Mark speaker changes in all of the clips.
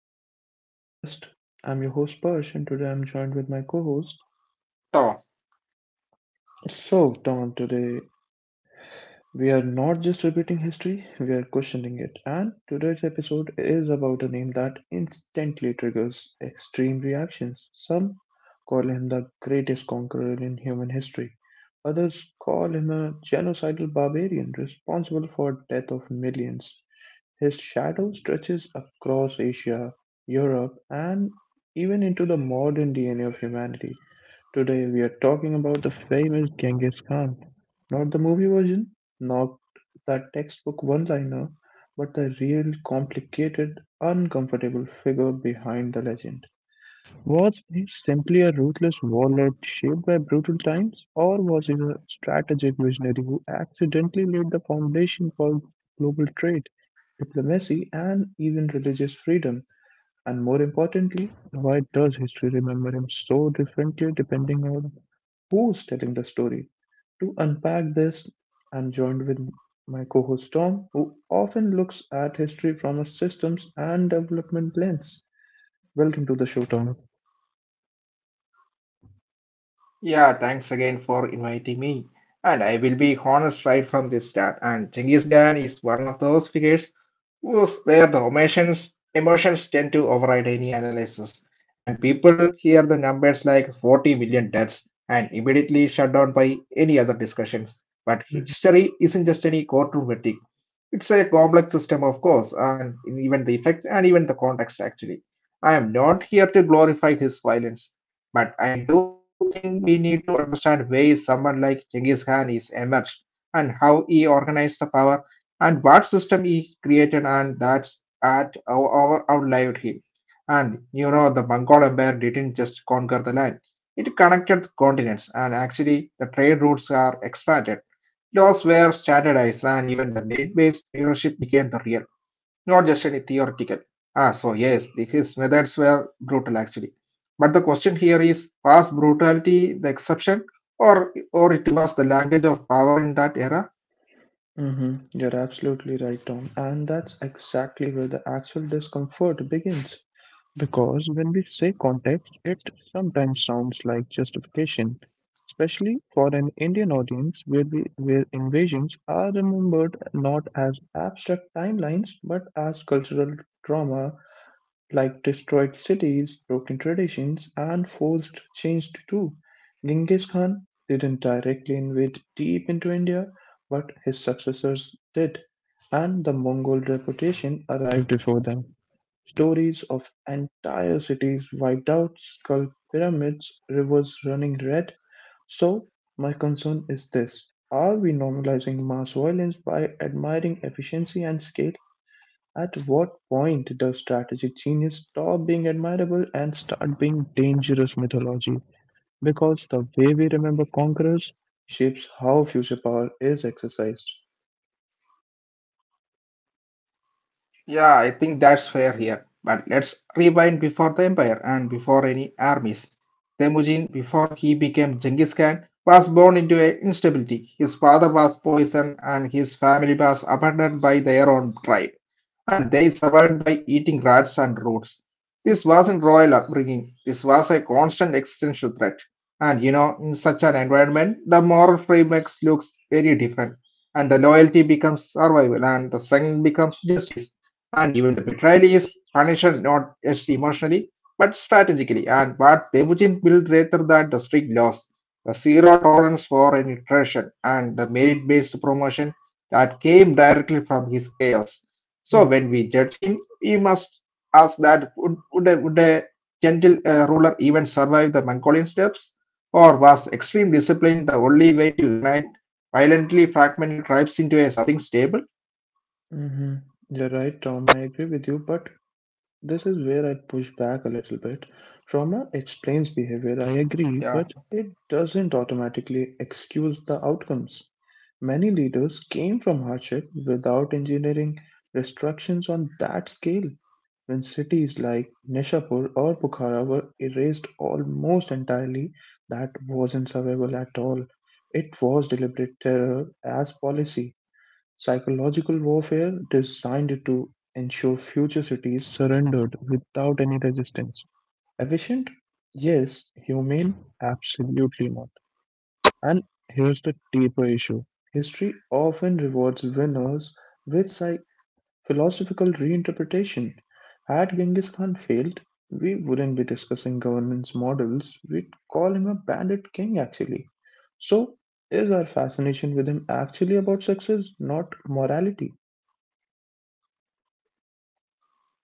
Speaker 1: back to my podcast. I'm your host Persh and today I'm joined with my co-host. So
Speaker 2: Tom,
Speaker 1: Don, today we are not just repeating history, we are questioning it. And today's episode is about a name that instantly triggers extreme reactions. Some call him the greatest conqueror in human history. Others call him a genocidal barbarian responsible for death of millions. His shadow stretches across Asia, Europe, and even into the modern DNA of humanity. Today, we are talking about the famous Genghis Khan. Not the movie version, not the textbook one liner, but the real complicated, uncomfortable figure behind the legend. Was he simply a ruthless warlord shaped by brutal times, or was he a strategic visionary who accidentally laid the foundation for global trade, diplomacy, and even religious freedom? And more importantly, why does history remember him so differently depending on who's telling the story? To unpack this, I'm joined with my co host Tom, who often looks at history from a systems and development lens. Welcome to the show, Tom.
Speaker 2: yeah, thanks again for inviting me. And I will be honest right from the start. And Genghis Khan is one of those figures who's where the emotions tend to override any analysis. And people hear the numbers like 40 million deaths and immediately shut down by any other discussions. But history isn't just any courtroom verdict. It's a complex system, of course, and even the effect and even the context actually. I am not here to glorify his violence. But I do think we need to understand why someone like Genghis Khan is emerged and how he organized the power and what system he created and that's at outlived him. And you know the Mongol Empire didn't just conquer the land. It connected continents and actually the trade routes are expanded. Laws were standardized and even the merit-based leadership became the real not just any theoretical. Ah, so yes, his methods were brutal actually. But the question here is, was brutality the exception, or it was the language of power in that era?
Speaker 1: You're absolutely right, Tom. And that's exactly where the actual discomfort begins. Because when we say context, it sometimes sounds like justification, especially for an Indian audience where invasions are remembered not as abstract timelines but as cultural trauma, like destroyed cities, broken traditions, and forced change too. Genghis Khan didn't directly invade deep into India, but his successors did, and the Mongol reputation arrived before them. Stories of entire cities wiped out, skull pyramids, rivers running red. So, my concern is this. Are we normalizing mass violence by admiring efficiency and scale? At what point does strategic genius stop being admirable and start being dangerous mythology? Because the way we remember conquerors shapes how future power is exercised.
Speaker 2: Yeah, I think that's fair here. But let's rewind before the empire and before any armies. Temujin, before he became Genghis Khan, was born into a instability. His father was poisoned and his family was abandoned by their own tribe. And they survived by eating rats and roots. This wasn't royal upbringing. This was a constant existential threat. And you know, in such an environment, the moral framework looks very different. And the loyalty becomes survival and the strength becomes justice. And even the betrayal is punished not just emotionally, but strategically. And what Devujin built rather than the strict laws, the zero tolerance for any treason, and the merit based promotion that came directly from his chaos. So when we judge him, we must ask that would a gentle ruler even survive the Mongolian steps? Or was extreme discipline the only way to unite violently fragmented tribes into a something stable?
Speaker 1: Mm-hmm. You're right, Tom. I agree with you, but this is where I push back a little bit. Trauma explains behavior, I agree, but it doesn't automatically excuse the outcomes. Many leaders came from hardship without engineering restrictions on that scale. When cities like Nishapur or Bukhara were erased almost entirely, that wasn't survival at all. It was deliberate terror as policy, psychological warfare designed to ensure future cities surrendered without any resistance. Efficient? Yes. Humane? Absolutely not. And here's the deeper issue: history often rewards winners with philosophical reinterpretation. Had Genghis Khan failed, we wouldn't be discussing governance models. We'd call him a bandit king, actually. So, is our fascination with him actually about success, not morality?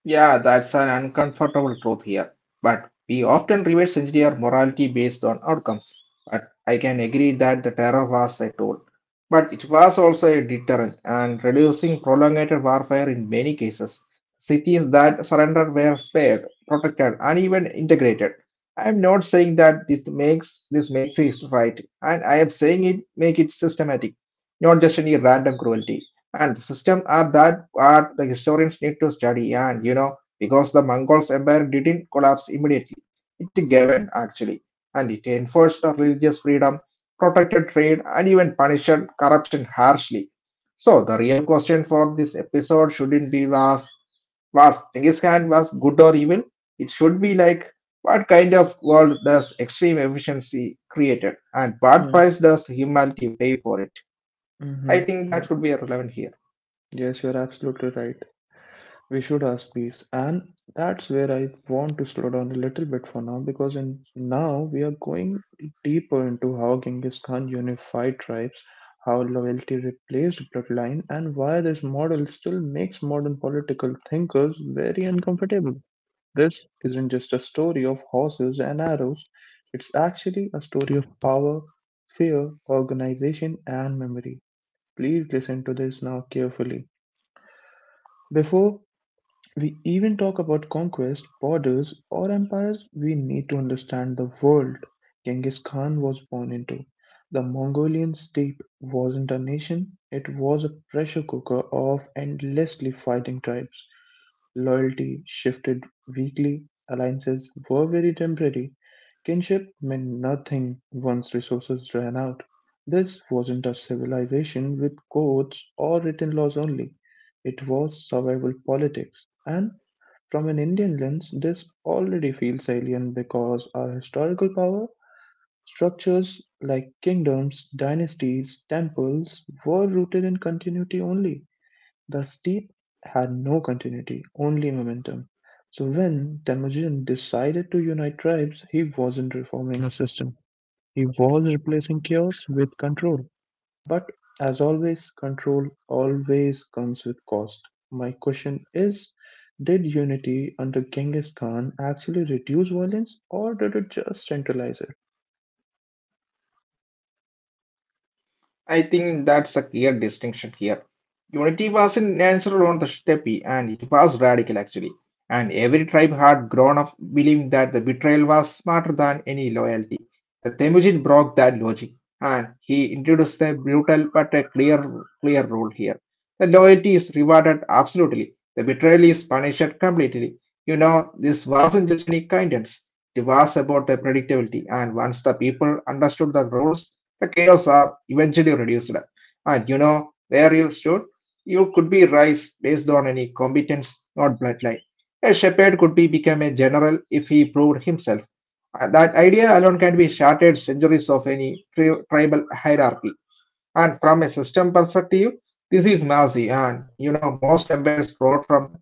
Speaker 2: Yeah, that's an uncomfortable truth here. But we often reward sanctity or morality based on outcomes. But I can agree that the terror was a tool. But it was also a deterrent and reducing prolonged warfare in many cases. Cities that surrendered were spared, protected, and even integrated. I am not saying that this makes it right, and I am saying it make it systematic, not just any random cruelty. And the system are that what the historians need to study. And you know, because the Mongols' empire didn't collapse immediately, it governed actually, and it enforced the religious freedom, protected trade, and even punished corruption harshly. So the real question for this episode shouldn't be was Genghis Khan was good or evil? It should be like what kind of world does extreme efficiency created, and what price does humanity pay for it?
Speaker 1: Mm-hmm.
Speaker 2: I think
Speaker 1: Yeah.
Speaker 2: that should be relevant here.
Speaker 1: Yes, you're absolutely right. We should ask these, and that's where I want to slow down a little bit for now, because in, now we are going deeper into how Genghis Khan unified tribes, how loyalty replaced bloodline, and why this model still makes modern political thinkers very uncomfortable. This isn't just a story of horses and arrows, it's actually a story of power, fear, organization, and memory. Please listen to this now carefully. Before we even talk about conquest, borders, or empires, we need to understand the world Genghis Khan was born into. The Mongolian state wasn't a nation, it was a pressure cooker of endlessly fighting tribes. Loyalty shifted weekly, alliances were very temporary, kinship meant nothing once resources ran out. This wasn't a civilization with codes or written laws only, it was survival politics. And from an Indian lens, this already feels alien because our historical power structures like kingdoms, dynasties, temples were rooted in continuity only. The steep had no continuity, only momentum. So when Temujin decided to unite tribes, he wasn't reforming a system. He was replacing chaos with control. But as always, control always comes with cost. My question is, did unity under Genghis Khan actually reduce violence or did it just centralize
Speaker 2: I think that's a clear distinction here. Unity was in natural on the steppe and it was radical actually. And every tribe had grown up believing that the betrayal was smarter than any loyalty. The Temujin broke that logic and he introduced a brutal but a clear rule here. The loyalty is rewarded absolutely. The betrayal is punished completely. You know, this wasn't just any kindness. It was about the predictability. And once the people understood the rules, the chaos are eventually reduced. And you know where you stood? You could be raised based on any competence, not bloodline. A shepherd could be become a general if he proved himself. That idea alone can be shattered centuries of any tribal hierarchy. And from a system perspective, this is massive. And you know, most empires rose from the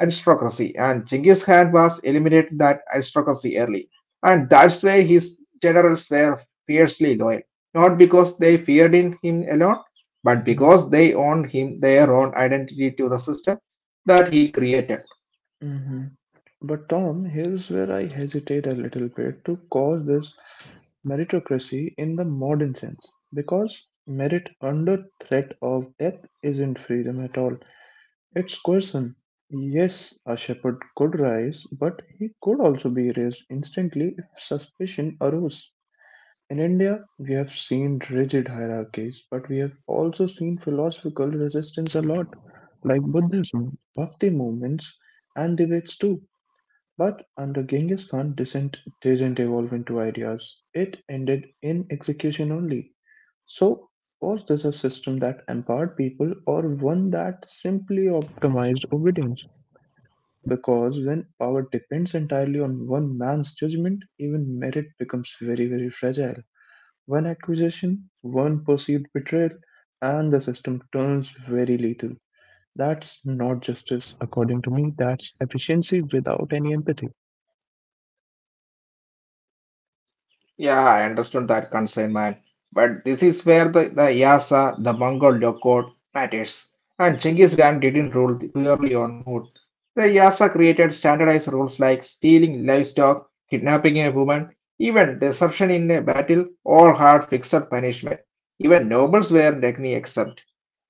Speaker 2: aristocracy, and Genghis Khan was eliminated that aristocracy early. And that's why his generals were fiercely loyal, not because they feared in him alone, but
Speaker 1: it?
Speaker 2: because they owned him their own identity to the system that he created.
Speaker 1: hmm But Tom, here's where I hesitate a little bit to call this meritocracy in the modern sense, because merit under threat of death isn't freedom at all. Its question, yes, a shepherd could rise, but he could also be raised instantly if suspicion arose. In India, we have seen rigid hierarchies, but we have also seen philosophical resistance a lot, like Buddhism, Bhakti movements, and debates too. But under Genghis Khan, dissent didn't evolve into ideas, it ended in execution only. So, was this a system that empowered people or one that simply optimized obedience? Because when power depends entirely on one man's judgment, even merit becomes very, very fragile. One accusation, one perceived betrayal, and the system turns very lethal. That's not justice, according to me, that's efficiency without any empathy.
Speaker 2: Yeah, I understood that concern, man. But this is where the Yasa, the Mongol Lokot matters. And Genghis Khan didn't rule purely on mood. The Yasa created standardized rules like stealing livestock, kidnapping a woman, even desertion in a battle, all had fixed punishment. Even nobles were technically exempt.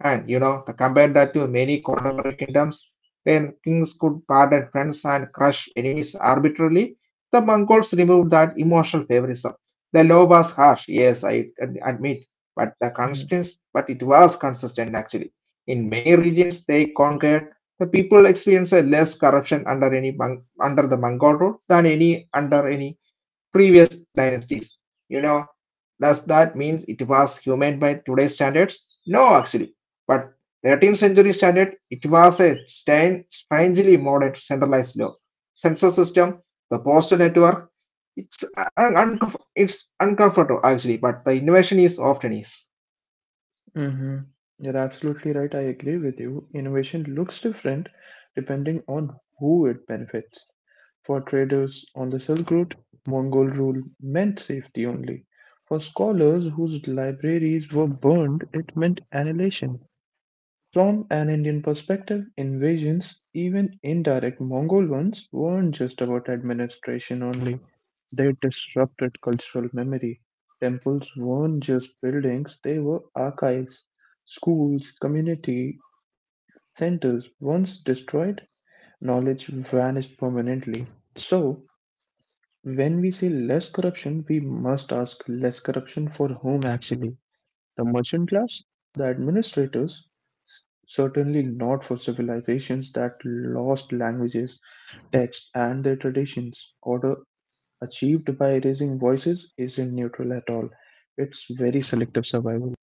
Speaker 2: And you know, the compare that to many contemporary kingdoms where kings could pardon friends and crush enemies arbitrarily, the Mongols removed that emotional favorism. The law was harsh, yes, I admit, but the consistence, but it was consistent actually. In many regions they conquered, the people experienced less corruption under the Mongol rule than any under any previous dynasties. You know, does that mean it was humane by today's standards? No, actually. But 13th century standard, it was a strangely modern centralized law. Census system the postal network, it's uncomfortable actually, but the innovation is often is.
Speaker 1: Mm-hmm. You're absolutely right. I agree with you. Innovation looks different depending on who it benefits. For traders on the Silk Road, Mongol rule meant safety only. For scholars whose libraries were burned, it meant annihilation. From an Indian perspective, invasions, even indirect Mongol ones, weren't just about administration only. They disrupted cultural memory. Temples weren't just buildings, they were archives, schools, community centers. Once destroyed, knowledge vanished permanently. So, when we see less corruption, we must ask, less corruption for whom actually? The merchant class, the administrators, certainly not for civilizations that lost languages, texts, and their traditions. Order achieved by raising voices isn't neutral at all, it's very selective survival.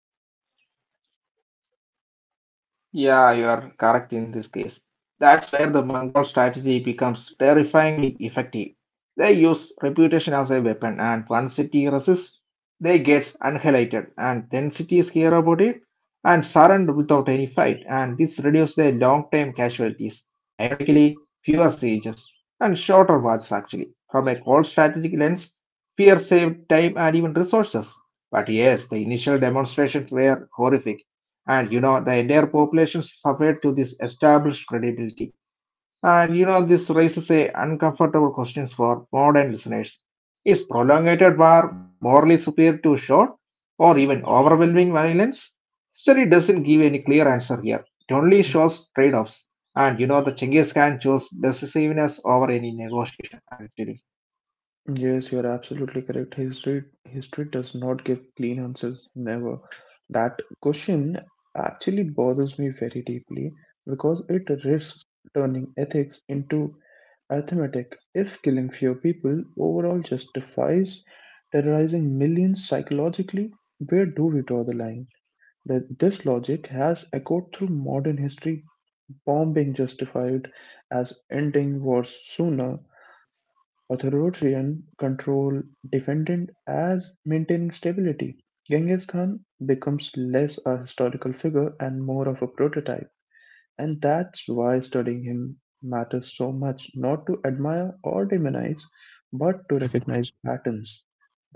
Speaker 2: Yeah, you are correct in this case. That's where the Mongol strategy becomes terrifyingly effective. They use reputation as a weapon, and one city resists, they gets annihilated, and then cities hear about it and surrender without any fight, and this reduces their long-term casualties. Ironically, fewer sieges and shorter wars actually. From a cold strategic lens, fear saved time and even resources. But yes, the initial demonstrations were horrific and you know the entire population suffered to this established credibility and you know this raises a uncomfortable questions for modern listeners is prolonged war morally superior to short or even overwhelming violence study doesn't give any clear answer here it only shows trade-offs and you know the Genghis Khan chose decisiveness over any negotiation actually.
Speaker 1: Yes, you are absolutely correct. History does not give clean answers, never. That question actually bothers me very deeply because it risks turning ethics into arithmetic. If killing fewer people overall justifies terrorizing millions psychologically, where do we draw the line? That this logic has echoed through modern history, bombing justified as ending wars sooner, authoritarian control defended as maintaining stability. Genghis Khan becomes less a historical figure and more of a prototype, and that's why studying him matters so much, not to admire or demonize, but to recognize patterns.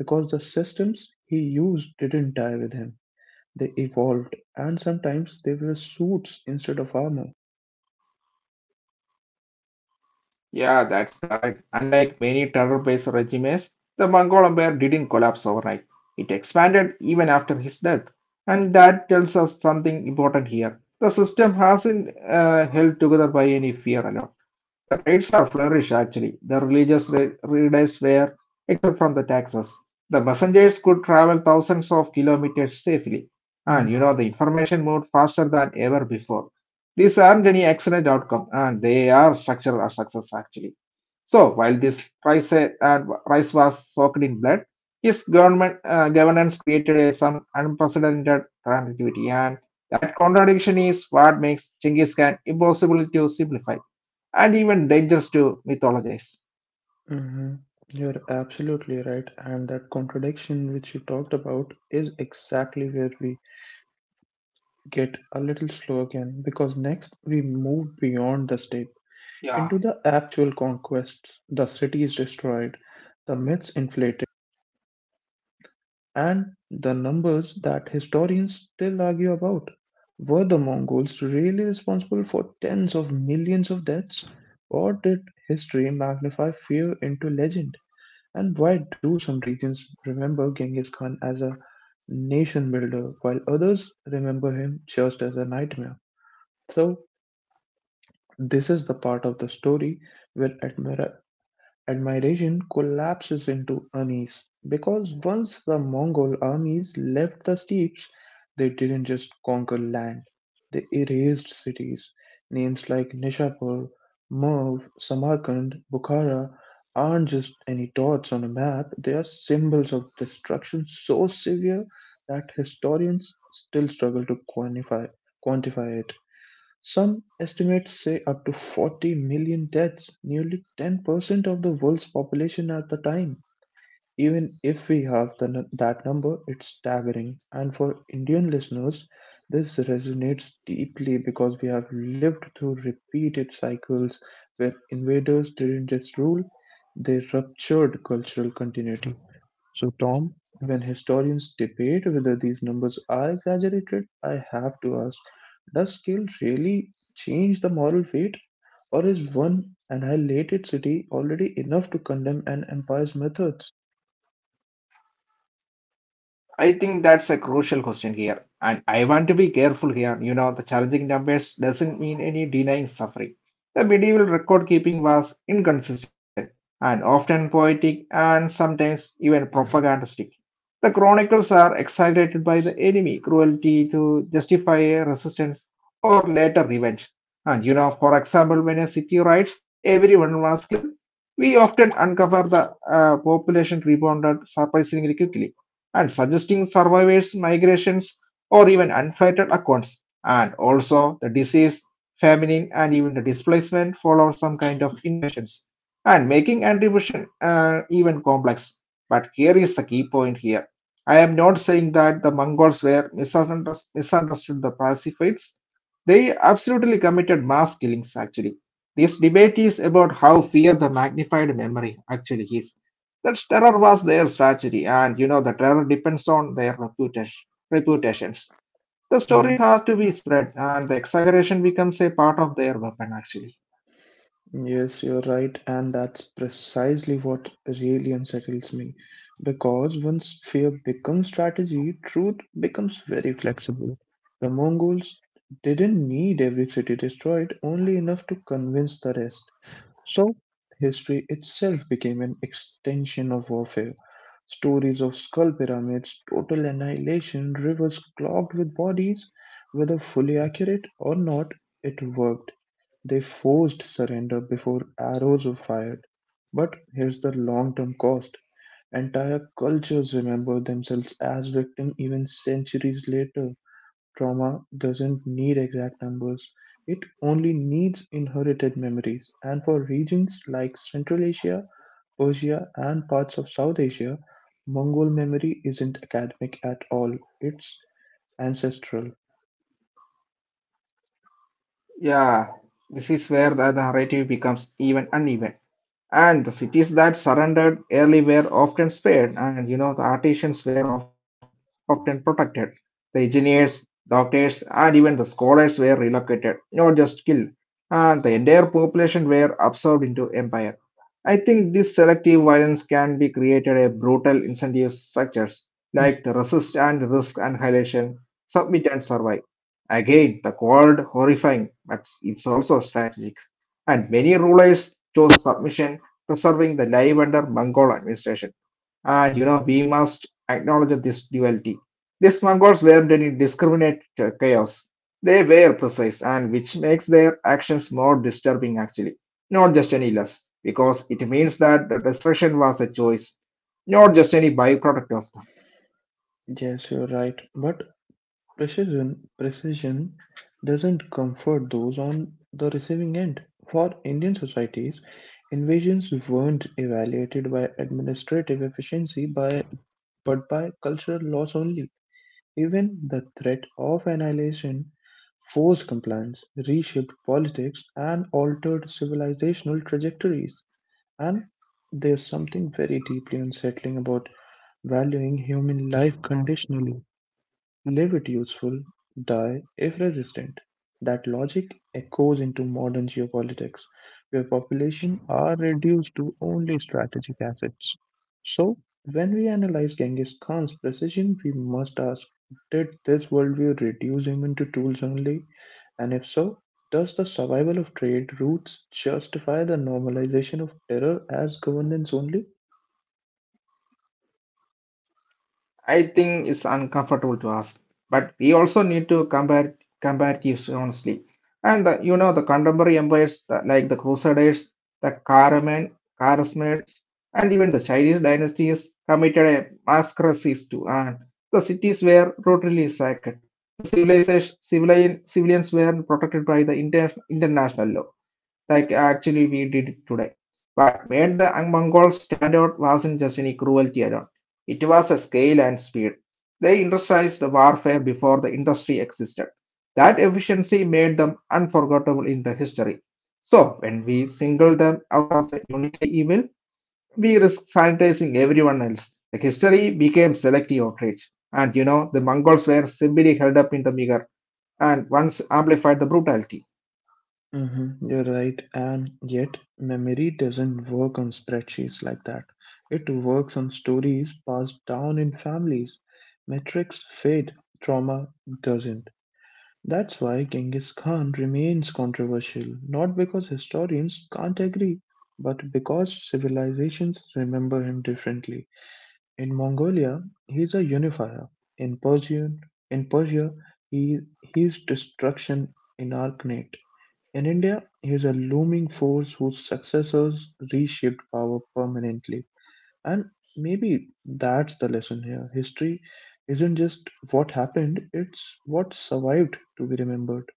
Speaker 1: Because the systems he used didn't die with him, they evolved, and sometimes they were suits instead of armor.
Speaker 2: Yeah, that's correct. Unlike many terror-based regimes, the Mongol Empire didn't collapse overnight. It expanded even after his death, and that tells us something important here. The system hasn't held together by any fear alone. The trades are flourish actually. The religious readers were, exempt from the taxes. The messengers could travel thousands of kilometers safely. And you know, the information moved faster than ever before. These aren't any accident outcome and they are structural success actually. So while this price, and price was soaked in blood, his government governance created a some unprecedented continuity, and that contradiction is what makes Genghis Khan impossible to simplify and even dangerous to mythologize.
Speaker 1: hmm You're absolutely right. And that contradiction which you talked about is exactly where we get a little slow again, because next we move beyond the state
Speaker 2: Yeah.
Speaker 1: into the actual conquests, the cities destroyed, the myths inflated, and the numbers that historians still argue about. Were the Mongols really responsible for tens of millions of deaths, or did history magnify fear into legend? And why do some regions remember Genghis Khan as a nation builder while others remember him just as a nightmare? So, this is the part of the story where Admiration collapses into unease, because once the Mongol armies left the steppes, they didn't just conquer land, they erased cities. Names like Nishapur, Merv, Samarkand, Bukhara aren't just any dots on a map, they are symbols of destruction so severe that historians still struggle to quantify it. Some estimates say up to 40 million deaths, nearly 10% of the world's population at the time. Even if we have that number, it's staggering. And for Indian listeners, this resonates deeply because we have lived through repeated cycles where invaders didn't just rule, they ruptured cultural continuity. So, Tom, when historians debate whether these numbers are exaggerated, I have to ask, does scale really change the moral weight? Or is one annihilated city already enough to condemn an empire's methods?
Speaker 2: I think that's a crucial question here, and I want to be careful here. You know, the challenging numbers doesn't mean any denying suffering. The medieval record keeping was inconsistent and often poetic and sometimes even propagandistic. The chronicles are exaggerated by the enemy cruelty to justify a resistance or later revenge. And you know, for example, when a city riots, everyone was killed. We often uncover the population rebounded surprisingly quickly and suggesting survivors migrations or even unfettered accounts and also the disease famine and even the displacement follow some kind of invasions and making attribution even complex but here is the key point here I am not saying that the mongols were misunderstood the pacifists they absolutely committed mass killings actually this debate is about how fear the magnified memory actually is that's terror was their strategy, and you know the terror depends on their reputations. The story has to be spread, and the exaggeration becomes a part of their weapon. Actually,
Speaker 1: Yes, you're right, and that's precisely what really unsettles me. Because once fear becomes strategy, truth becomes very flexible. The Mongols didn't need every city destroyed, only enough to convince the rest. So, history itself became an extension of warfare. Stories of skull pyramids, total annihilation, rivers clogged with bodies, whether fully accurate or not, it worked; they forced surrender before arrows were fired. But here's the long term cost. Entire cultures remember themselves as victims even centuries later. Trauma doesn't need exact numbers, it only needs inherited memories. And for regions like Central Asia, Persia, and parts of South Asia, Mongol memory isn't academic at all, it's ancestral.
Speaker 2: yeah, this is where the narrative becomes even uneven. And the cities that surrendered early were often spared, and you know, the artisans were often protected. The engineers, doctors, and even the scholars were relocated, not just killed. And the entire population were absorbed into empire. I think this selective violence can be created a brutal incentive structures
Speaker 1: Mm.
Speaker 2: like the resist and risk annihilation, submit and survive. Again, the cold horrifying, but it's also strategic. And many rulers chose submission preserving the life under Mongol administration. And you know, we must acknowledge this duality. These Mongols weren't any discriminate chaos. They were precise, and which makes their actions more disturbing actually, not just any less, because it means that the destruction was a choice, not just any byproduct of that.
Speaker 1: Yes, you're right. But Precision doesn't comfort those on the receiving end. For Indian societies, invasions weren't evaluated by administrative efficiency by but by cultural loss only. Even the threat of annihilation forced compliance, reshaped politics, and altered civilizational trajectories. And there's something very deeply unsettling about valuing human life conditionally. Leave it useful, die if resistant. That logic echoes into modern geopolitics, where population are reduced to only strategic assets. So, when we analyze Genghis Khan's precision, we must ask, did this worldview reduce him into tools only? And if so, does the survival of trade routes justify the normalization of terror as governance only?
Speaker 2: I think it's uncomfortable to ask, but we also need to compare comparatives honestly. And the, you know the contemporary empires like the Crusaders, the Karaman, Kharasmids, and even the Chinese dynasties committed a massacres too, and the cities were totally sacked. The civilians were protected by the international law like actually we did it today. What made the Mongols stand out wasn't just any cruelty alone. It was a scale and speed. They industrialized the warfare before the industry existed. That efficiency made them unforgettable in the history. So when we single them out as a uniquely evil, we risk sanitizing everyone else. The history became selective outrage. And you know, the Mongols were simply held up in the mirror and once amplified the brutality.
Speaker 1: Mhm, you're right, and yet memory doesn't work on spreadsheets like that. It works on stories passed down in families. Metrics fade, trauma doesn't. That's why Genghis Khan remains controversial, not because historians can't agree, but because civilizations remember him differently. In Mongolia, he's a unifier. In Persian, in Persia, he's destruction incarnate. In India, he is a looming force whose successors reshaped power permanently. And maybe that's the lesson here. History isn't just what happened, it's what survived to be remembered.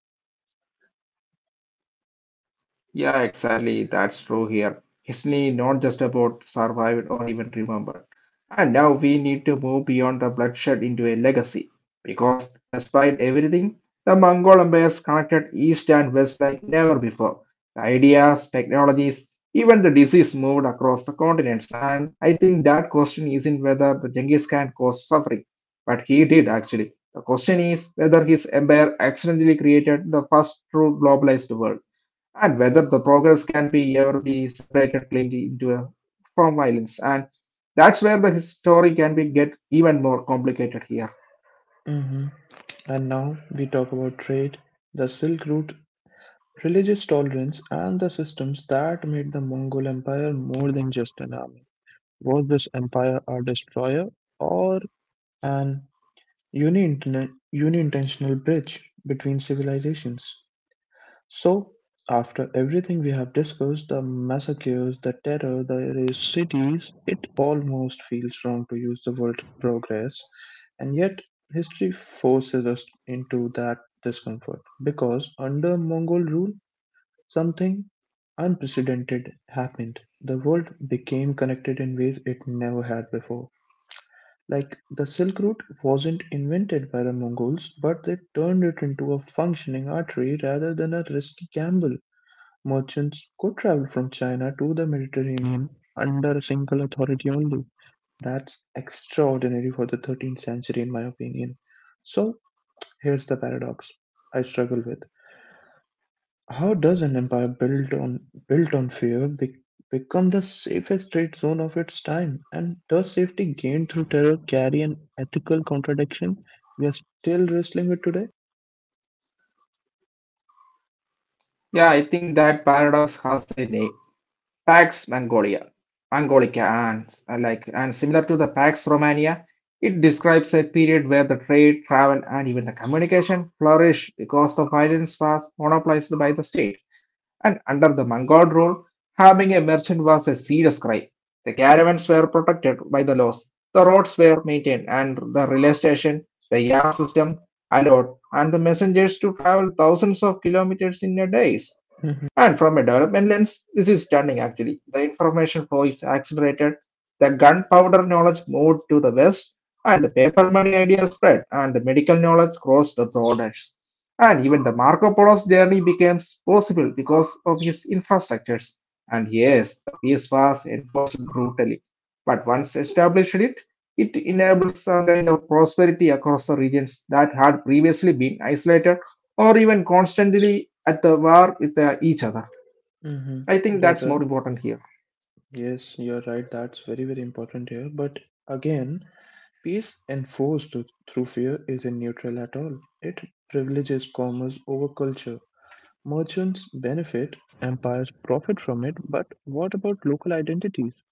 Speaker 2: Yeah, exactly. That's true here. History not just about survived or even remembered. And now we need to move beyond the bloodshed into a legacy. Because despite everything, the Mongol empires connected east and west like never before. The ideas, technologies, even the disease moved across the continents. And I think that question isn't whether the Genghis Khan caused suffering, but he did actually. The question is whether his empire accidentally created the first true globalized world and whether the progress can be ever be separated cleanly into a, from violence and that's where the story can be get even more complicated here.
Speaker 1: hmm And now we talk about trade, the Silk Route, religious tolerance, and the systems that made the Mongol Empire more than just an army. Was this empire a destroyer or an uni-intentional bridge between civilizations? So, After everything we have discussed the massacres, the terror, the erased cities it almost feels wrong to use the word progress, and yet history forces us into that discomfort because under Mongol rule, something unprecedented happened. The world became connected in ways it never had before. Like the Silk Route wasn't invented by the Mongols, but they turned it into a functioning artery rather than a risky gamble. Merchants could travel from China to the Mediterranean under a single authority only. That's extraordinary for the 13th century, in my opinion. So here's the paradox I struggle with. How does an empire built on become the safest trade zone of its time? And does safety gained through terror carry an ethical contradiction we are still wrestling with today?
Speaker 2: Yeah, I think that paradox has a name, pax mongolia mongolica, and like and similar to the pax romania. It describes a period where the trade travel and even the communication flourished because the violence was monopolized by the state. And under the Mongol rule, having a merchant was a serious crime. The caravans were protected by the laws, the roads were maintained, and the relay station, the yam system allowed, and the messengers to travel thousands of kilometers in a day.
Speaker 1: Hmm.
Speaker 2: And from a development lens, this is stunning actually. The information flow is accelerated, the gunpowder knowledge moved to the west, and the paper money idea spread, and the medical knowledge crossed the borders. And even the Marco Polo's journey became possible because of his infrastructures. And yes, the peace was enforced brutally. But once established it, it enables some kind of prosperity across the regions that had previously been isolated or even constantly at the war with each other.
Speaker 1: Hmm.
Speaker 2: I think
Speaker 1: You're right.
Speaker 2: that's more important here.
Speaker 1: Yes, you're right. That's very, very important here. But again, peace enforced through fear isn't neutral at all. It privileges commerce over culture. Merchants benefit, empires profit from it, but what about local identities?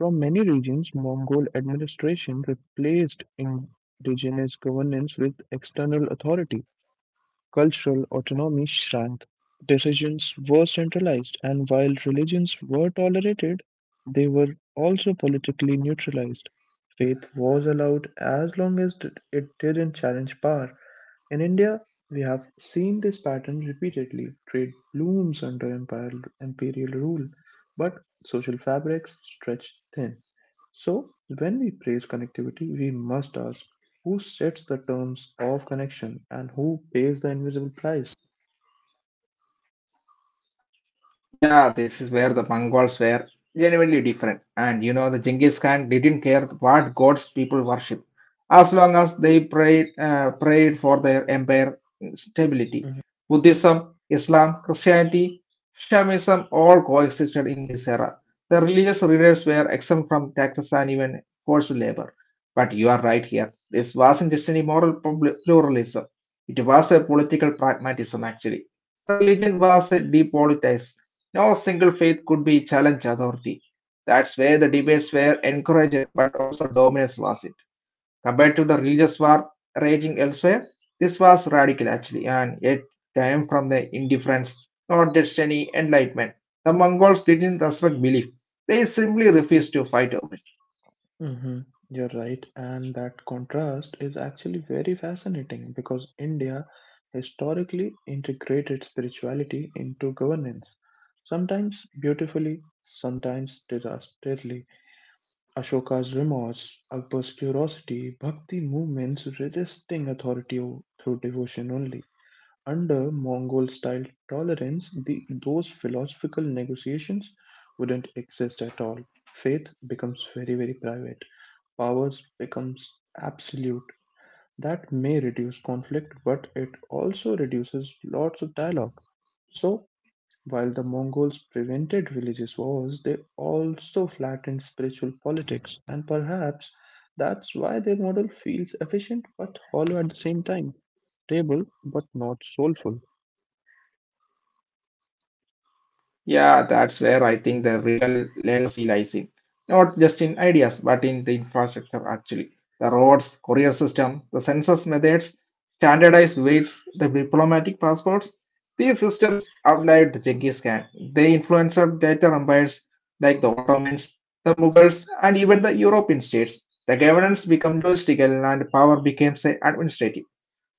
Speaker 1: From many regions, Mongol administration replaced indigenous governance with external authority. Cultural autonomy shrank, decisions were centralized, and while religions were tolerated, they were also politically neutralized. Faith was allowed as long as it didn't challenge power. In India, we have seen this pattern repeatedly. Trade blooms under imperial rule, but social fabrics stretch thin. So, when we praise connectivity, we must ask who sets the terms of connection and who pays the invisible price?
Speaker 2: Yeah, this is where the Mongols were genuinely different. And the Genghis Khan didn't care what gods people worship, as long as they prayed for their empire stability. Buddhism, Islam, Christianity, Shamism all coexisted in his era. The religious leaders were exempt from taxes and even forced labor. But you are right here. This wasn't just any moral pluralism. It was a political pragmatism, actually. The religion was depoliticized. No single faith could be challenge authority. That's where the debates were encouraged, but also dominance was it. Compared to the religious war raging elsewhere, this was radical actually, and it came from the indifference, not just any enlightenment. The Mongols didn't respect belief, they simply refused to fight over it.
Speaker 1: Hmm. You're right, and that contrast is actually very fascinating because India historically integrated spirituality into governance, sometimes beautifully, sometimes disastrously. Ashoka's remorse, Akbar's curiosity, bhakti movements resisting authority through devotion only. Under Mongol style tolerance, those philosophical negotiations wouldn't exist at all. Faith becomes very, very private, powers becomes absolute, that may reduce conflict, but it also reduces lots of dialogue. So, while the Mongols prevented religious wars, they also flattened spiritual politics, and perhaps that's why their model feels efficient but hollow at the same time, stable but not soulful.
Speaker 2: Yeah, that's where I think the Regal legacy lies in. Not just in ideas, but in the infrastructure actually. The roads, courier system, the census methods, standardized weights, the diplomatic passports. These systems outlived Genghis Khan. They influenced later empires like the Ottomans, the Mughals, and even the European states. The governance became logistical and power became, say, administrative.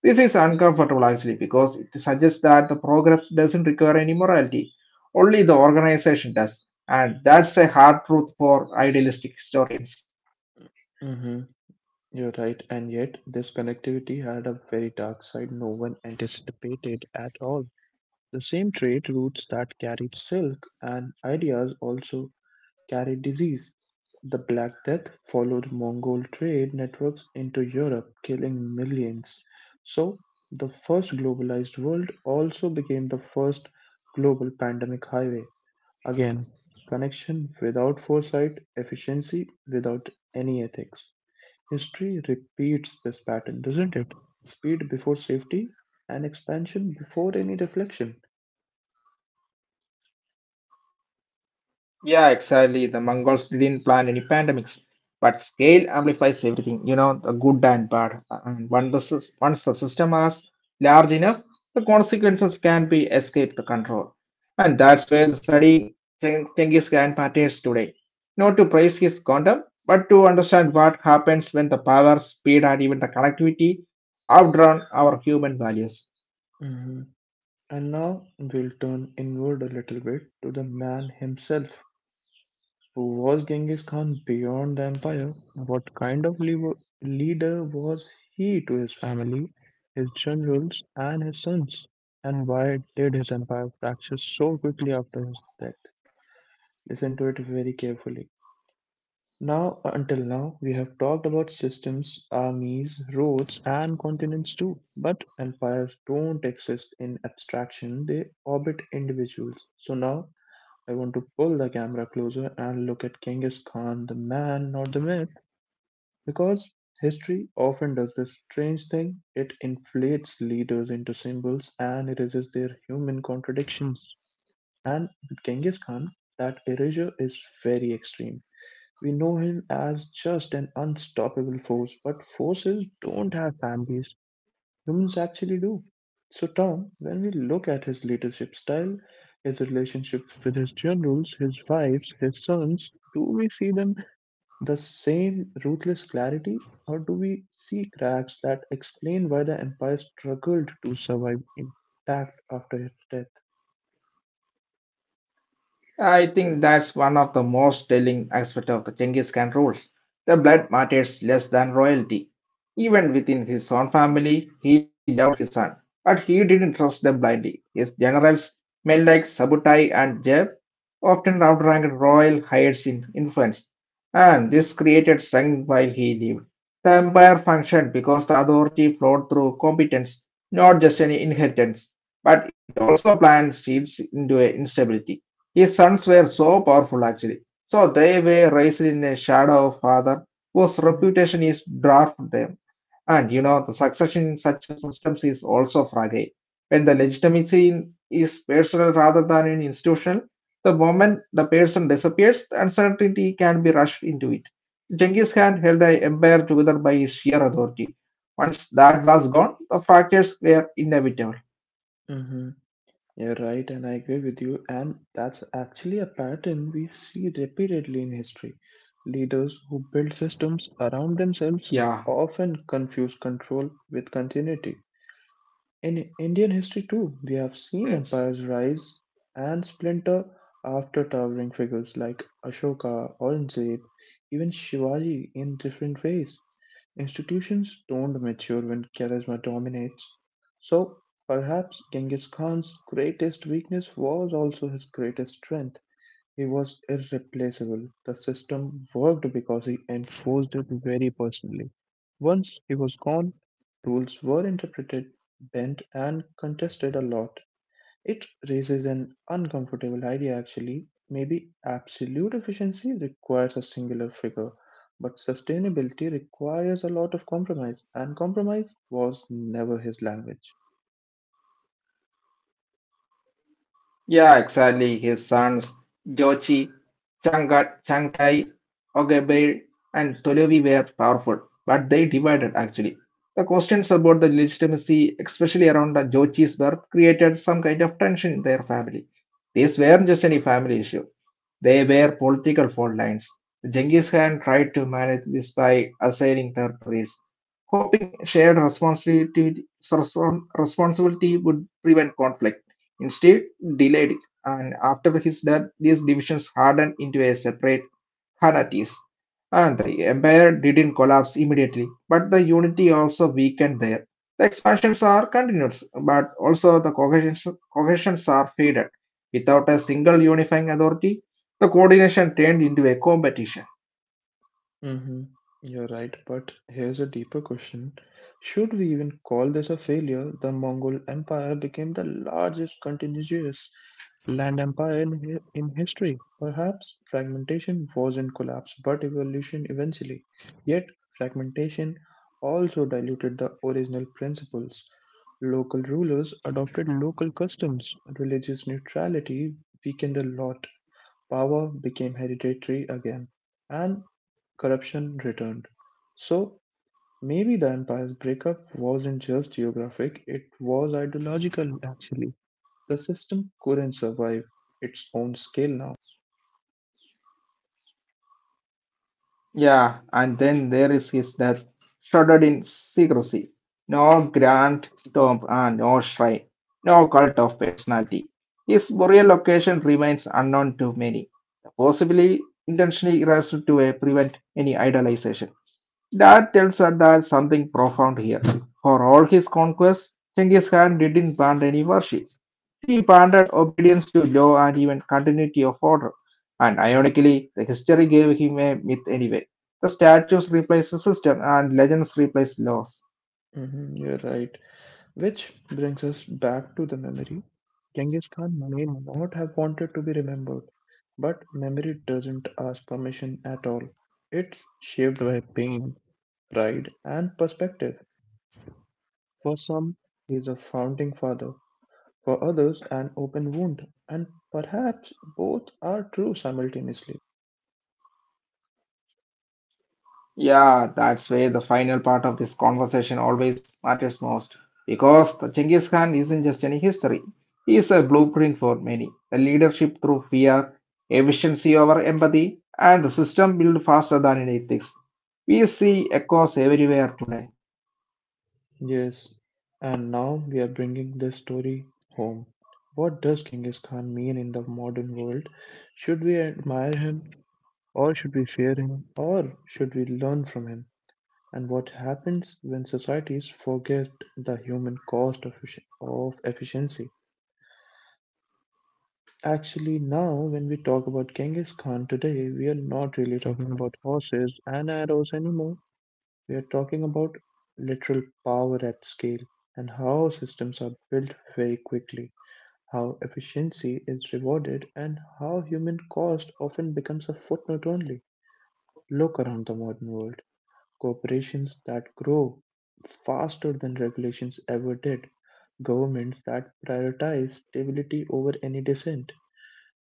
Speaker 2: This is uncomfortable actually because it suggests that the progress doesn't require any morality, only the organization does. And that's a hard truth for idealistic historians.
Speaker 1: Hmm. You're right, and yet this connectivity had a very dark side no one anticipated at all. The same trade routes that carried silk and ideas also carried disease. The Black Death followed Mongol trade networks into Europe, killing millions. So, the first globalized world also became the first global pandemic highway. Again, connection without foresight, efficiency without any ethics. History repeats this pattern, doesn't it? Speed before safety and expansion before any reflection.
Speaker 2: Yeah, exactly. The Mongols didn't plan any pandemics, but scale amplifies everything, the good and bad. And when once the system is large enough, the consequences can be escaped the control. And that's where the studying Genghis Khan matters today. Not to praise his conduct, but to understand what happens when the power, speed, and even the connectivity outdrawn our human values.
Speaker 1: Mhm. And now we'll turn inward a little bit to the man himself. Who was Genghis Khan beyond the empire? What kind of leader was he to his family, his generals, and his sons? And why did his empire fracture so quickly after his death? Listen to it very carefully. Now, until now, we have talked about systems, armies, roads, and continents too. But empires don't exist in abstraction, they orbit individuals. So now, I want to pull the camera closer and look at Genghis Khan, the man, not the myth, because history often does this strange thing it inflates leaders into symbols and erases their human contradictions. And with Genghis Khan, that erasure is very extreme. We know him as just an unstoppable force, but forces don't have families. Humans actually do. So, Tom, when we look at his leadership style, his relationships with his generals, his wives, his sons, do we see them the same ruthless clarity, or do we see cracks that explain why the empire struggled to survive intact after his death?
Speaker 2: I think that's one of the most telling aspects of the Genghis Khan rules. The blood matters less than royalty. Even within his own family, he loved his son, but he didn't trust them blindly. His generals, men like Sabutai and Jeb, often outranked royal heirs in influence, and this created strength while he lived. The empire functioned because the authority flowed through competence, not just an inheritance, but it also planted seeds into a instability. His sons were so powerful actually, so they were raised in a shadow of father whose reputation is dwarfed them. And the succession in such systems is also fragile. When the legitimacy is personal rather than in institutional, the moment the person disappears, the uncertainty can be rushed into it. Genghis Khan held an empire together by his sheer authority. Once that was gone, the fractures were inevitable.
Speaker 1: Mhm. You're right, and I agree with you. And that's actually a pattern we see repeatedly in history. Leaders who build systems around themselves
Speaker 2: Yeah,
Speaker 1: often confuse control with continuity. In Indian history, too, we have seen
Speaker 2: yes.
Speaker 1: empires rise and splinter after towering figures like Ashoka, Aurangzeb, even Shivaji in different ways. Institutions don't mature when charisma dominates. So perhaps Genghis Khan's greatest weakness was also his greatest strength. He was irreplaceable. The system worked because he enforced it very personally. Once he was gone, rules were interpreted, bent, and contested a lot. It raises an uncomfortable idea actually. Maybe absolute efficiency requires a singular figure, but sustainability requires a lot of compromise, and compromise was never his language.
Speaker 2: Yeah, exactly. His sons, Jochi, Changtai, Ogebeil, and Tolevi were powerful, but they divided actually. The questions about the legitimacy, especially around the Jochi's birth, created some kind of tension in their family. These weren't just any family issue. They were political fault lines. Genghis Khan tried to manage this by assigning territories, hoping shared responsibility would prevent conflict. Instead, delayed it, and after his death, these divisions hardened into a separate Khanates. And the empire didn't collapse immediately, but the unity also weakened there. The expansions are continuous, but also the cohesions are faded. Without a single unifying authority, the coordination turned into a competition.
Speaker 1: Mm-hmm. You're right, but here's a deeper question. Should we even call this a failure? The Mongol Empire became the largest continuous land empire in history. Perhaps fragmentation wasn't collapse, but evolution eventually. Yet, fragmentation also diluted the original principles. Local rulers adopted local customs, religious neutrality weakened a lot, power became hereditary again. And corruption returned. So maybe the empire's breakup wasn't just geographic, it was ideological actually. The system couldn't survive its own scale now.
Speaker 2: Yeah, and then there is his death, shrouded in secrecy. No grand tomb and no shrine, no cult of personality. His burial location remains unknown to many, possibly intentionally erased to prevent any idolization. That tells us that something profound here. For all his conquests, Genghis Khan didn't plant any worship. He planted obedience to law and even continuity of order. And ironically, the history gave him a myth anyway. The statues replace the system and legends replace laws.
Speaker 1: Mhm, you're right. Which brings us back to the memory. Genghis Khan may not have wanted to be remembered, but memory doesn't ask permission at all. It's shaped by pain, pride, and perspective. For some, he is a founding father. For others an open wound, and perhaps both are true simultaneously.
Speaker 2: Yeah, that's where the final part of this conversation always matters most. Because the Genghis Khan isn't just any history, he is a blueprint for many. The leadership through fear, efficiency over empathy, and the system built faster than in ethics. We see echoes everywhere today.
Speaker 1: Yes, and now we are bringing this story home. What does Genghis Khan mean in the modern world? Should we admire him, or should we fear him, or should we learn from him? And what happens when societies forget the human cost of efficiency? Actually, now when we talk about Genghis Khan today, we are not really talking about horses and arrows anymore. We're talking about literal power at scale and how systems are built very quickly, how efficiency is rewarded, and how human cost often becomes a footnote only. Look around the modern world. Corporations that grow faster than regulations ever did, governments that prioritize stability over any dissent,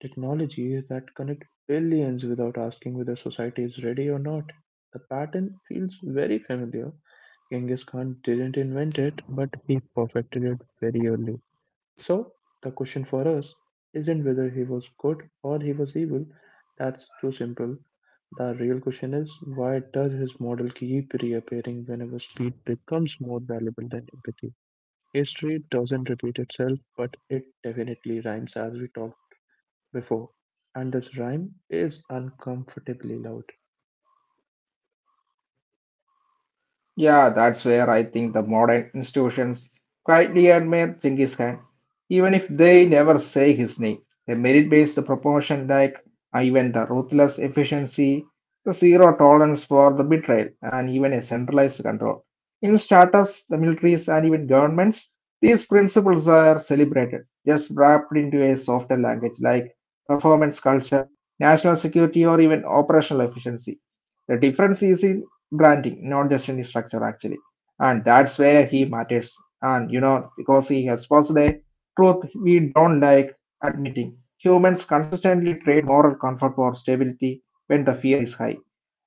Speaker 1: technologies that connect billions without asking whether society is ready or not. The pattern feels very familiar. Genghis Khan didn't invent it, but he perfected it very early. So, the question for us isn't whether he was good or he was evil, that's too simple. The real question is why does his model keep reappearing whenever speed becomes more valuable than empathy? History doesn't repeat itself, but it definitely rhymes as we talked before. And this rhyme is uncomfortably loud.
Speaker 2: Yeah, that's where I think the modern institutions quietly admire Genghis Khan, even if they never say his name. The merit-based proportion, like even the ruthless efficiency, the zero tolerance for the betrayal, and even a centralized control. In startups, the militaries, and even governments, these principles are celebrated, just wrapped into a softer language like performance culture, national security, or even operational efficiency. The difference is in branding, not just any structure actually. And that's where he matters. And because he has posed a truth we don't like admitting. Humans consistently trade moral comfort for stability when the fear is high.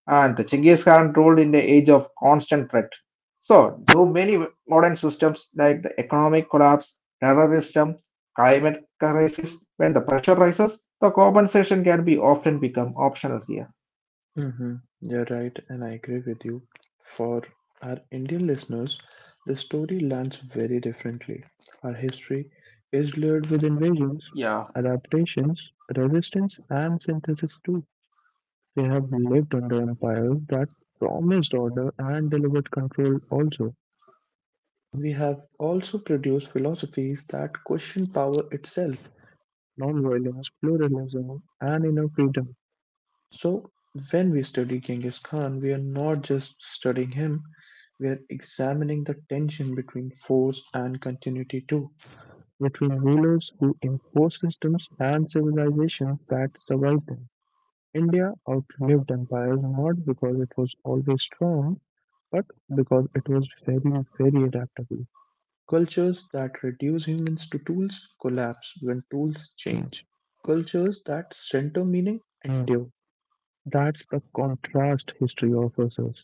Speaker 2: And the Chinggis Khan ruled in the age of constant threat. So, do many modern systems like the economic collapse, terrorism, climate crisis, when the pressure rises, the compensation can be often become optional
Speaker 1: Mm-hmm. You're right, and I agree with you. For our Indian listeners, the story lands very differently. Our history is layered with invasions,
Speaker 2: here.
Speaker 1: adaptations, resistance, and synthesis too. We have lived under empires that promised order and delivered control also. We have also produced philosophies that question power itself, nonviolence, pluralism, and inner freedom. So, when we study Genghis Khan, we are not just studying him, we are examining the tension between force and continuity too, between rulers who enforce systems and civilizations that survive them. India outlived empires not because it was always strong, but because it was very, very adaptable. Cultures that reduce humans to tools collapse when tools change. Cultures that center meaning endure, that's the contrast history offers us.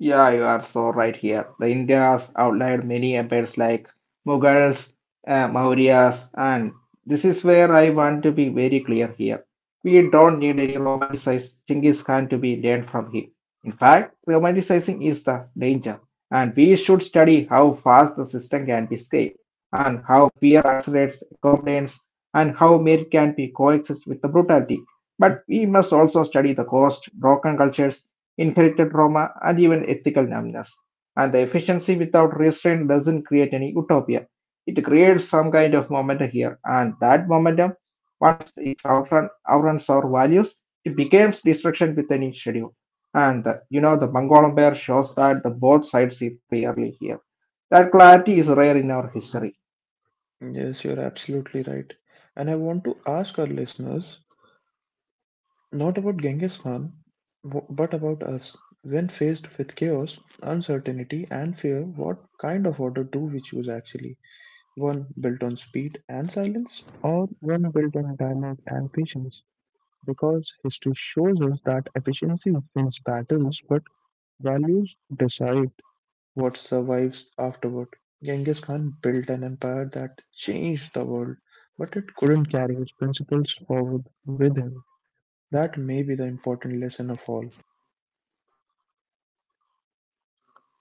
Speaker 2: Yeah, you are so right here. The India's outlived many empires like Mughals, Mauryas, and this is where I want to be very clear here. We don't need any romanticized Genghis Khan to be learned from him. In fact, romanticizing is the danger, and we should study how fast the system can be scaled, and how fear accelerates complaints, and how merit can be coexist with the brutality. But we must also study the cost, broken cultures, inherited trauma, and even ethical numbness. And the efficiency without restraint doesn't create any utopia. It creates some kind of momentum here, and that momentum, once it outruns our values, it becomes destruction with any schedule. And the Mongolian bear shows that the both sides see clearly here. That clarity is rare in our history.
Speaker 1: Yes, you're absolutely right. And I want to ask our listeners not about Genghis Khan, but about us. When faced with chaos, uncertainty, and fear, what kind of order do we choose actually? One built on speed and silence? Or one built on dialogue and patience, because history shows us that efficiency wins battles, but values decide. What survives afterward? Genghis Khan built an empire that changed the world, but it couldn't carry his principles forward with him. That may be the important lesson of all.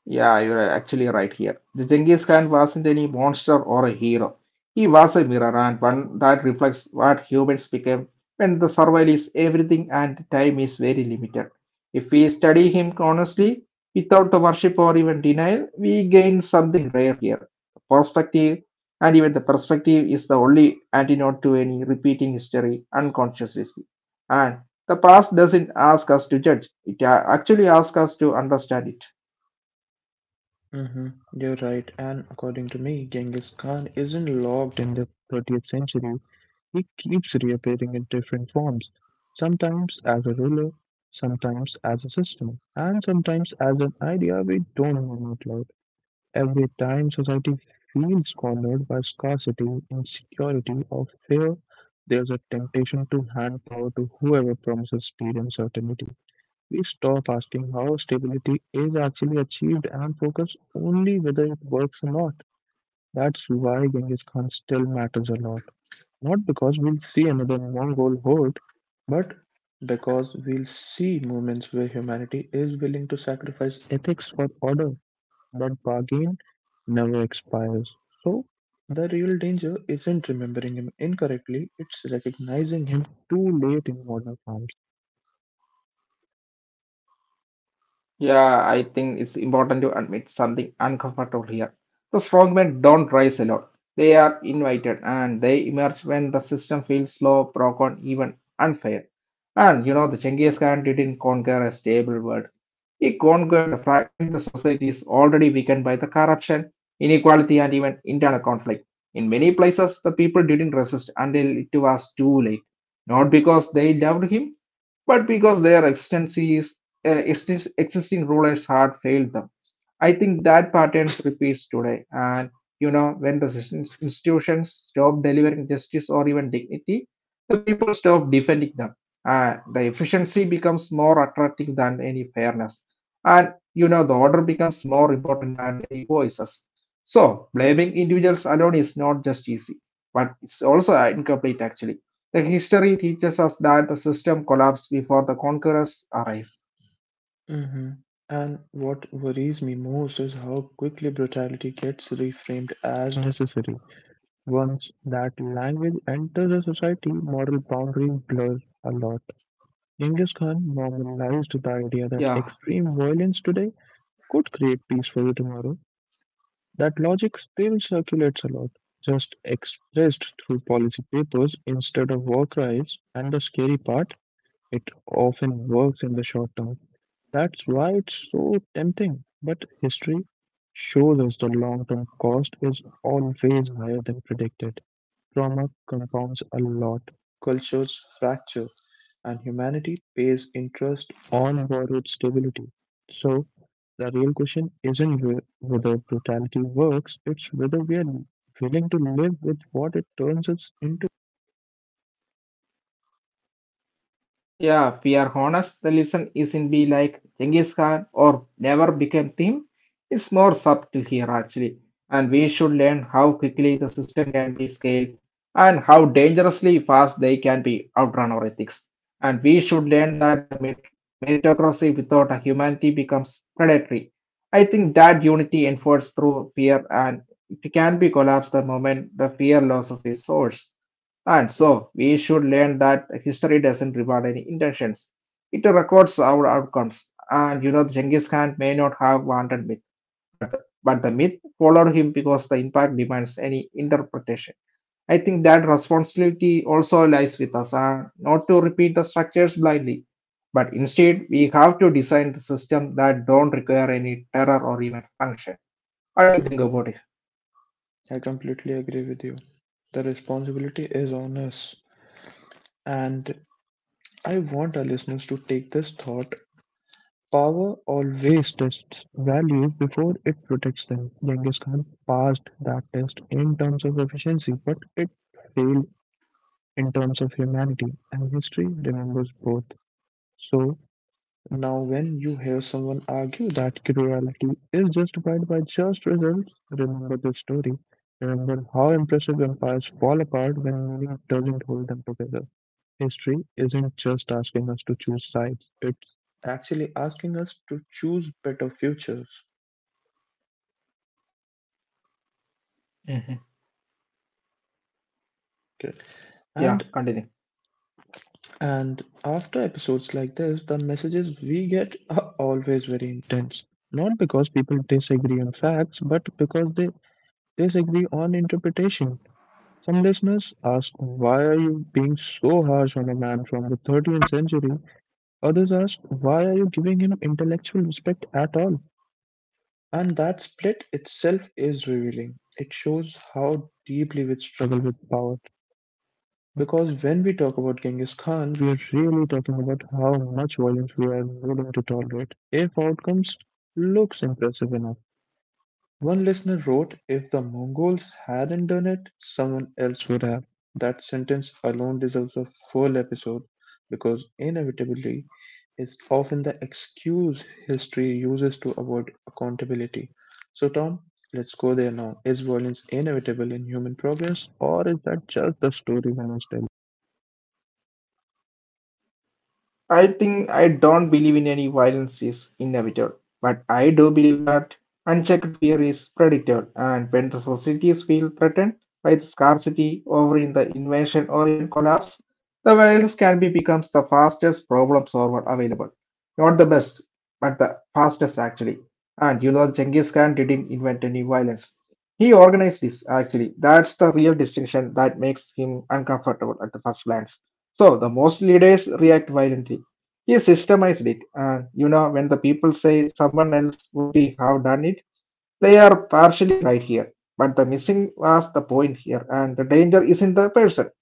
Speaker 2: Yeah, you're actually right here. The Genghis Khan wasn't any monster or a hero. He was a mirror and one that reflects what humans became when the survival is everything and time is very limited. If we study him honestly, without the worship or even denial, we gain something rare here. Perspective, and even the perspective is the only antidote to any repeating history unconsciously speaking. And the past doesn't ask us to judge, it actually asks us to understand it.
Speaker 1: Hmm. You're right, and according to me, Genghis Khan isn't locked in the 30th century. He keeps reappearing in different forms, sometimes as a ruler, sometimes as a system, and sometimes as an idea we don't even outlaw. Every time society feels cornered by scarcity, insecurity, or fear, there's a temptation to hand power to whoever promises speed and certainty. We stop asking how stability is actually achieved and focus only whether it works or not. That's why Genghis Khan still matters a lot. Not because we'll see another Mongol horde, but because we'll see moments where humanity is willing to sacrifice ethics for order, but bargain never expires. So, the real danger isn't remembering him incorrectly, it's recognizing him too late in modern farms.
Speaker 2: Yeah, I think it's important to admit something uncomfortable here. The strong men don't rise alone. They are invited and they emerge when the system feels slow, broken, even unfair. And the Genghis Khan didn't conquer a stable world. He conquered a fragmented societies already weakened by the corruption, inequality, and even internal conflict. In many places, the people didn't resist until it was too late. Not because they loved him, but because their existing rulers had failed them. I think that pattern repeats today. And when the institutions stop delivering justice or even dignity, the people stop defending them. The efficiency becomes more attractive than any fairness. And the order becomes more important than any voices. So, blaming individuals alone is not just easy, but it's also incomplete actually. The history teaches us that the system collapsed before the conquerors arrived.
Speaker 1: Hmm. And what worries me most is how quickly brutality gets reframed as necessary. Once that language enters a society, moral boundaries blur a lot. Genghis Khan normalized the idea that
Speaker 2: Yeah,
Speaker 1: extreme violence today could create peace for you tomorrow. That logic still circulates a lot, just expressed through policy papers instead of war cries, and the scary part, it often works in the short term. That's why it's so tempting. But history shows us the long term cost is always higher than predicted. Trauma compounds a lot, cultures fracture, and humanity pays interest on borrowed stability. So, the real question isn't whether brutality works, it's whether we are willing to live with what it turns us into.
Speaker 2: yeah, we are honest. The lesson isn't be like Genghis Khan or never became theme. It's more subtle here actually. And we should learn how quickly the system can be scaled and how dangerously fast they can be outrun our ethics. And we should learn that the meritocracy without a humanity becomes predatory. I think that unity enforced through fear and it can be collapsed the moment the fear loses its source. And so we should learn that history doesn't reward any intentions. It records our outcomes. And you know, Genghis Khan may not have wanted myth, but the myth followed him because the impact demands any interpretation. I think that responsibility also lies with us, and not to repeat the structures blindly, but instead we have to design the system that don't require any terror or even function. What do you think about it?
Speaker 1: Hmm, I completely agree with you. The responsibility is on us. And I want our listeners to take this thought. Power always tests values before it protects them. Genghis Khan passed that test in terms of efficiency, but it failed in terms of humanity, and history remembers both. So, now, when you hear someone argue that cruelty is justified by just results, remember the story. Remember how impressive empires fall apart when meaning doesn't hold them together. History isn't just asking us to choose sides, it's actually asking us to choose better futures.
Speaker 2: Mhm.
Speaker 1: Okay.
Speaker 2: Yeah,
Speaker 1: And
Speaker 2: continue.
Speaker 1: and after episodes like this, the messages we get are always very intense. Not because people disagree on facts, but because they disagree on interpretation. Some listeners ask, "Why are you being so harsh on a man from the 13th century?" Others ask, "Why are you giving him intellectual respect at all?" And that split itself is revealing. It shows how deeply we struggle with power. Because when we talk about Genghis Khan, we are really talking about how much violence we are willing to tolerate if outcomes looks impressive enough. One listener wrote, "If the Mongols hadn't done it, someone else would have." That sentence alone deserves a full episode because inevitably is often the excuse history uses to avoid accountability. So, Tom, let's go there now. Is violence inevitable in human progress, or is that just the story humans tell?
Speaker 2: I think I don't believe in any violence is inevitable, but I do believe that unchecked fear is predictable, and when the societies feel threatened by the scarcity, or in the invasion, or even collapse, the violence can be becomes the fastest problem solver available. Not the best, but the fastest actually. And you know, Genghis Khan didn't invent any violence. He organized this actually. That's the real distinction that makes him uncomfortable at the first glance so the most leaders react violently. He systemized it, and you know when the people say someone else would be have done it, they are partially right here. But the missing was the point here, and the danger is in the person.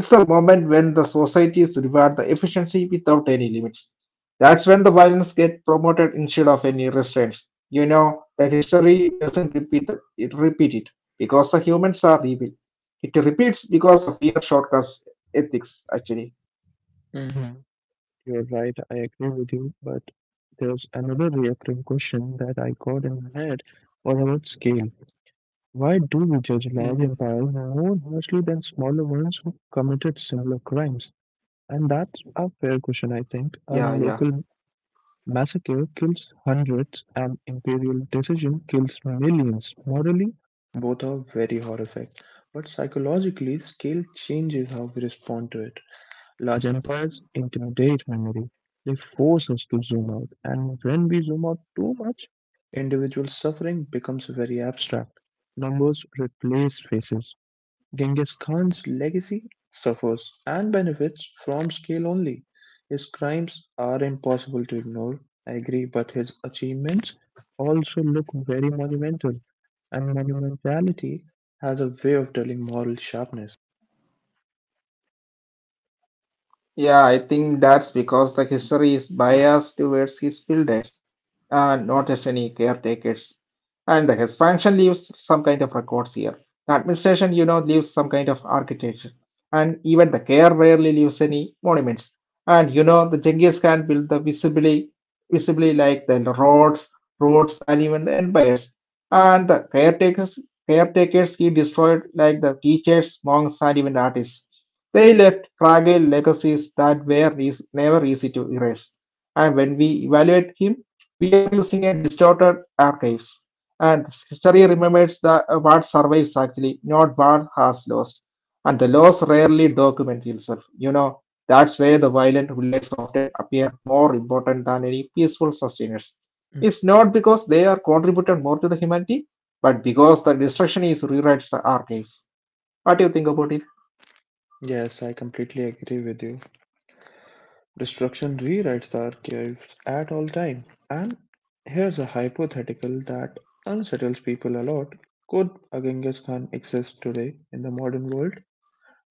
Speaker 2: It's a moment when the societies reward the efficiency without any limits. That's when the violence get promoted instead of any restraints. You know the history doesn't it repeat it because the humans are evil. It repeats because of fear shortcuts ethics actually.
Speaker 1: Hmm. You're right, I agree with you, but there's another recurring question that I got in my head. What about scale? Why do we judge large empires more harshly than smaller ones who committed similar crimes? And that's a fair question, I think. A
Speaker 2: Yeah,
Speaker 1: local
Speaker 2: yeah.
Speaker 1: massacre kills hundreds, an imperial decision kills millions. Morally, both are very horrific, but psychologically, scale changes how we respond to it. Large empires intimidate memory. They force us to zoom out, and when we zoom out too much, individual suffering becomes very abstract. Numbers replace faces. Genghis Khan's legacy suffers and benefits from scale only. His crimes are impossible to ignore, I agree, but his achievements also look very monumental, and monumentality has a way of telling moral sharpness.
Speaker 2: Yeah, I think that's because the history is biased towards his builders and not as any caretakers. And the expansion leaves some kind of records here. The administration, you know, leaves some kind of architecture. And even the care rarely leaves any monuments. And you know, the Genghis Khan built the visibly, visibly like the roads, roads, and even the empires. And the caretakers, caretakers he destroyed like the teachers, monks, and even artists. They left fragile legacies that were never easy to erase. And when we evaluate him, we are using a distorted archives. And history remembers what survives actually, not what has lost. And the loss rarely documents itself. You know, that's where the violent rulers often appear more important than any peaceful sustainers. It's not because they are contributed more to the humanity, but because the destruction is rewrites the archives. What do you think about it?
Speaker 1: Yes, I completely agree with you. Destruction rewrites the archives at all time. And here's a hypothetical that unsettles people a lot. Could a Genghis Khan exist today in the modern world?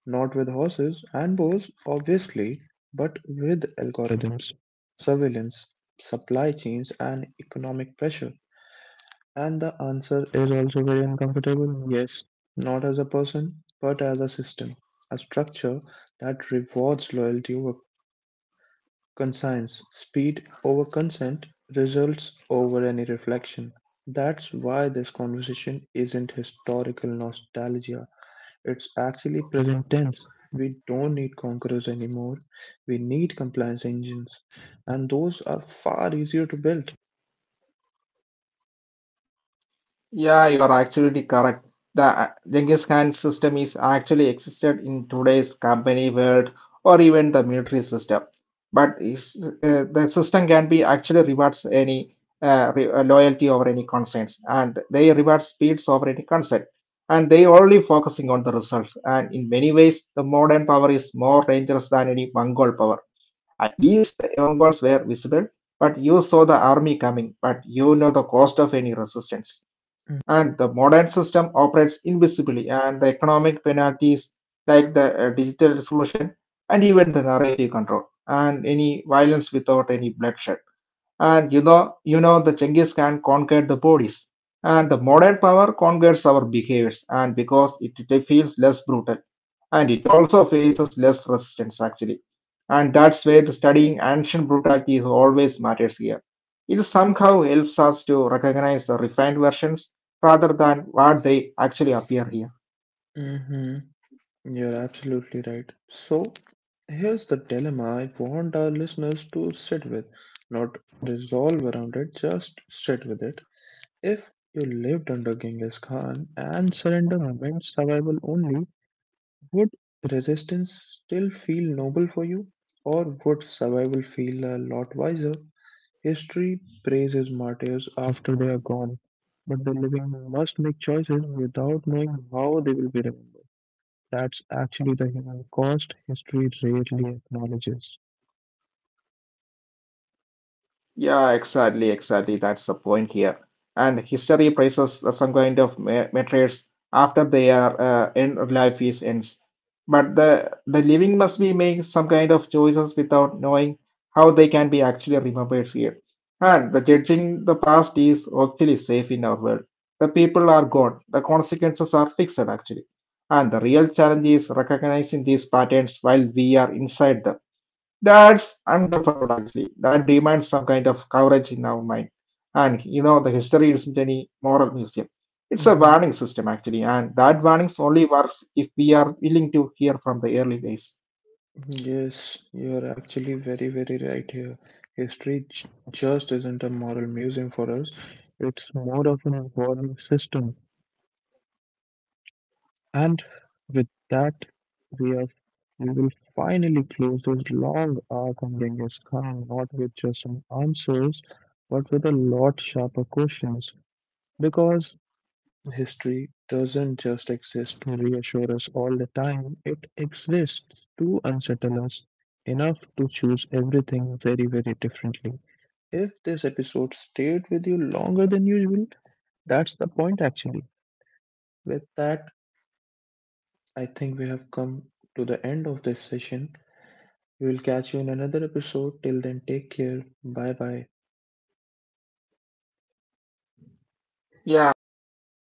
Speaker 1: Not with horses and bows, obviously, but with algorithms, surveillance, supply chains, and economic pressure. And the answer is inevitable yes, not as a person, but as a system, a structure that rewards loyalty over conscience, speed over consent, results over any reflection. That's why this conversation isn't historical nostalgia. It's actually present tense. We don't need conquerors anymore. We need compliance engines, and those are far easier to build.
Speaker 2: Yeah, you are actually correct. The Genghis Khan system is actually existed in today's company world or even the military system. But is, the system can be actually rewards any loyalty over any concerns, and they reward speeds over any consent, and they only focusing on the results. And in many ways, the modern power is more dangerous than any Mongol power. At least the Mongols were visible, but you saw the army coming, but you know the cost of any resistance. And the modern system operates invisibly, and the economic penalties like the digital resolution and even the narrative control and any violence without any bloodshed. And you know, the Genghis Khan conquered the bodies, and the modern power conquers our behaviors, and because it feels less brutal, and it also faces less resistance actually. And that's why the studying ancient brutality is always matters here. It somehow helps us to recognize the refined versions rather than what they actually appear here.
Speaker 1: Hmm. You're absolutely right. So, here's the dilemma I want our listeners to sit with, not resolve around it, just sit with it. If you lived under Genghis Khan and surrender meant survival only, would resistance still feel noble for you? Or would survival feel a lot wiser? History praises martyrs after they are gone, but the living must make choices without knowing how they will be remembered. That's actually the human cost history rarely acknowledges.
Speaker 2: Yeah, exactly, exactly. That's the point here. And history praises some kind of martyrs after their end of life is ends. But the living must be making some kind of choices without knowing how they can be actually remembered here. And the judging the past is actually safe in our world. The people are gone. The consequences are fixed actually. And the real challenge is recognizing these patterns while we are inside them. That's uncomfortable actually. That demands some kind of coverage in our mind. And you know, the history isn't any moral museum. It's a
Speaker 1: Mhm.
Speaker 2: warning system actually, and that warnings only works if we are willing to hear from the early days.
Speaker 1: Yes, you're actually very, very right here. History just isn't a moral museum for us, it's more of an evolving system. And with that, we are we will finally close this long arc on Genghis Khan, not with just some answers, but with a lot sharper questions. Because history doesn't just exist to reassure us all the time, it exists to unsettle us enough to choose everything very, very differently. If this episode stayed with you longer than usual, that's the point actually. With that, I think we have come to the end of this session. We will catch you in another episode. Till then, take care. Bye bye.
Speaker 2: Yeah, I am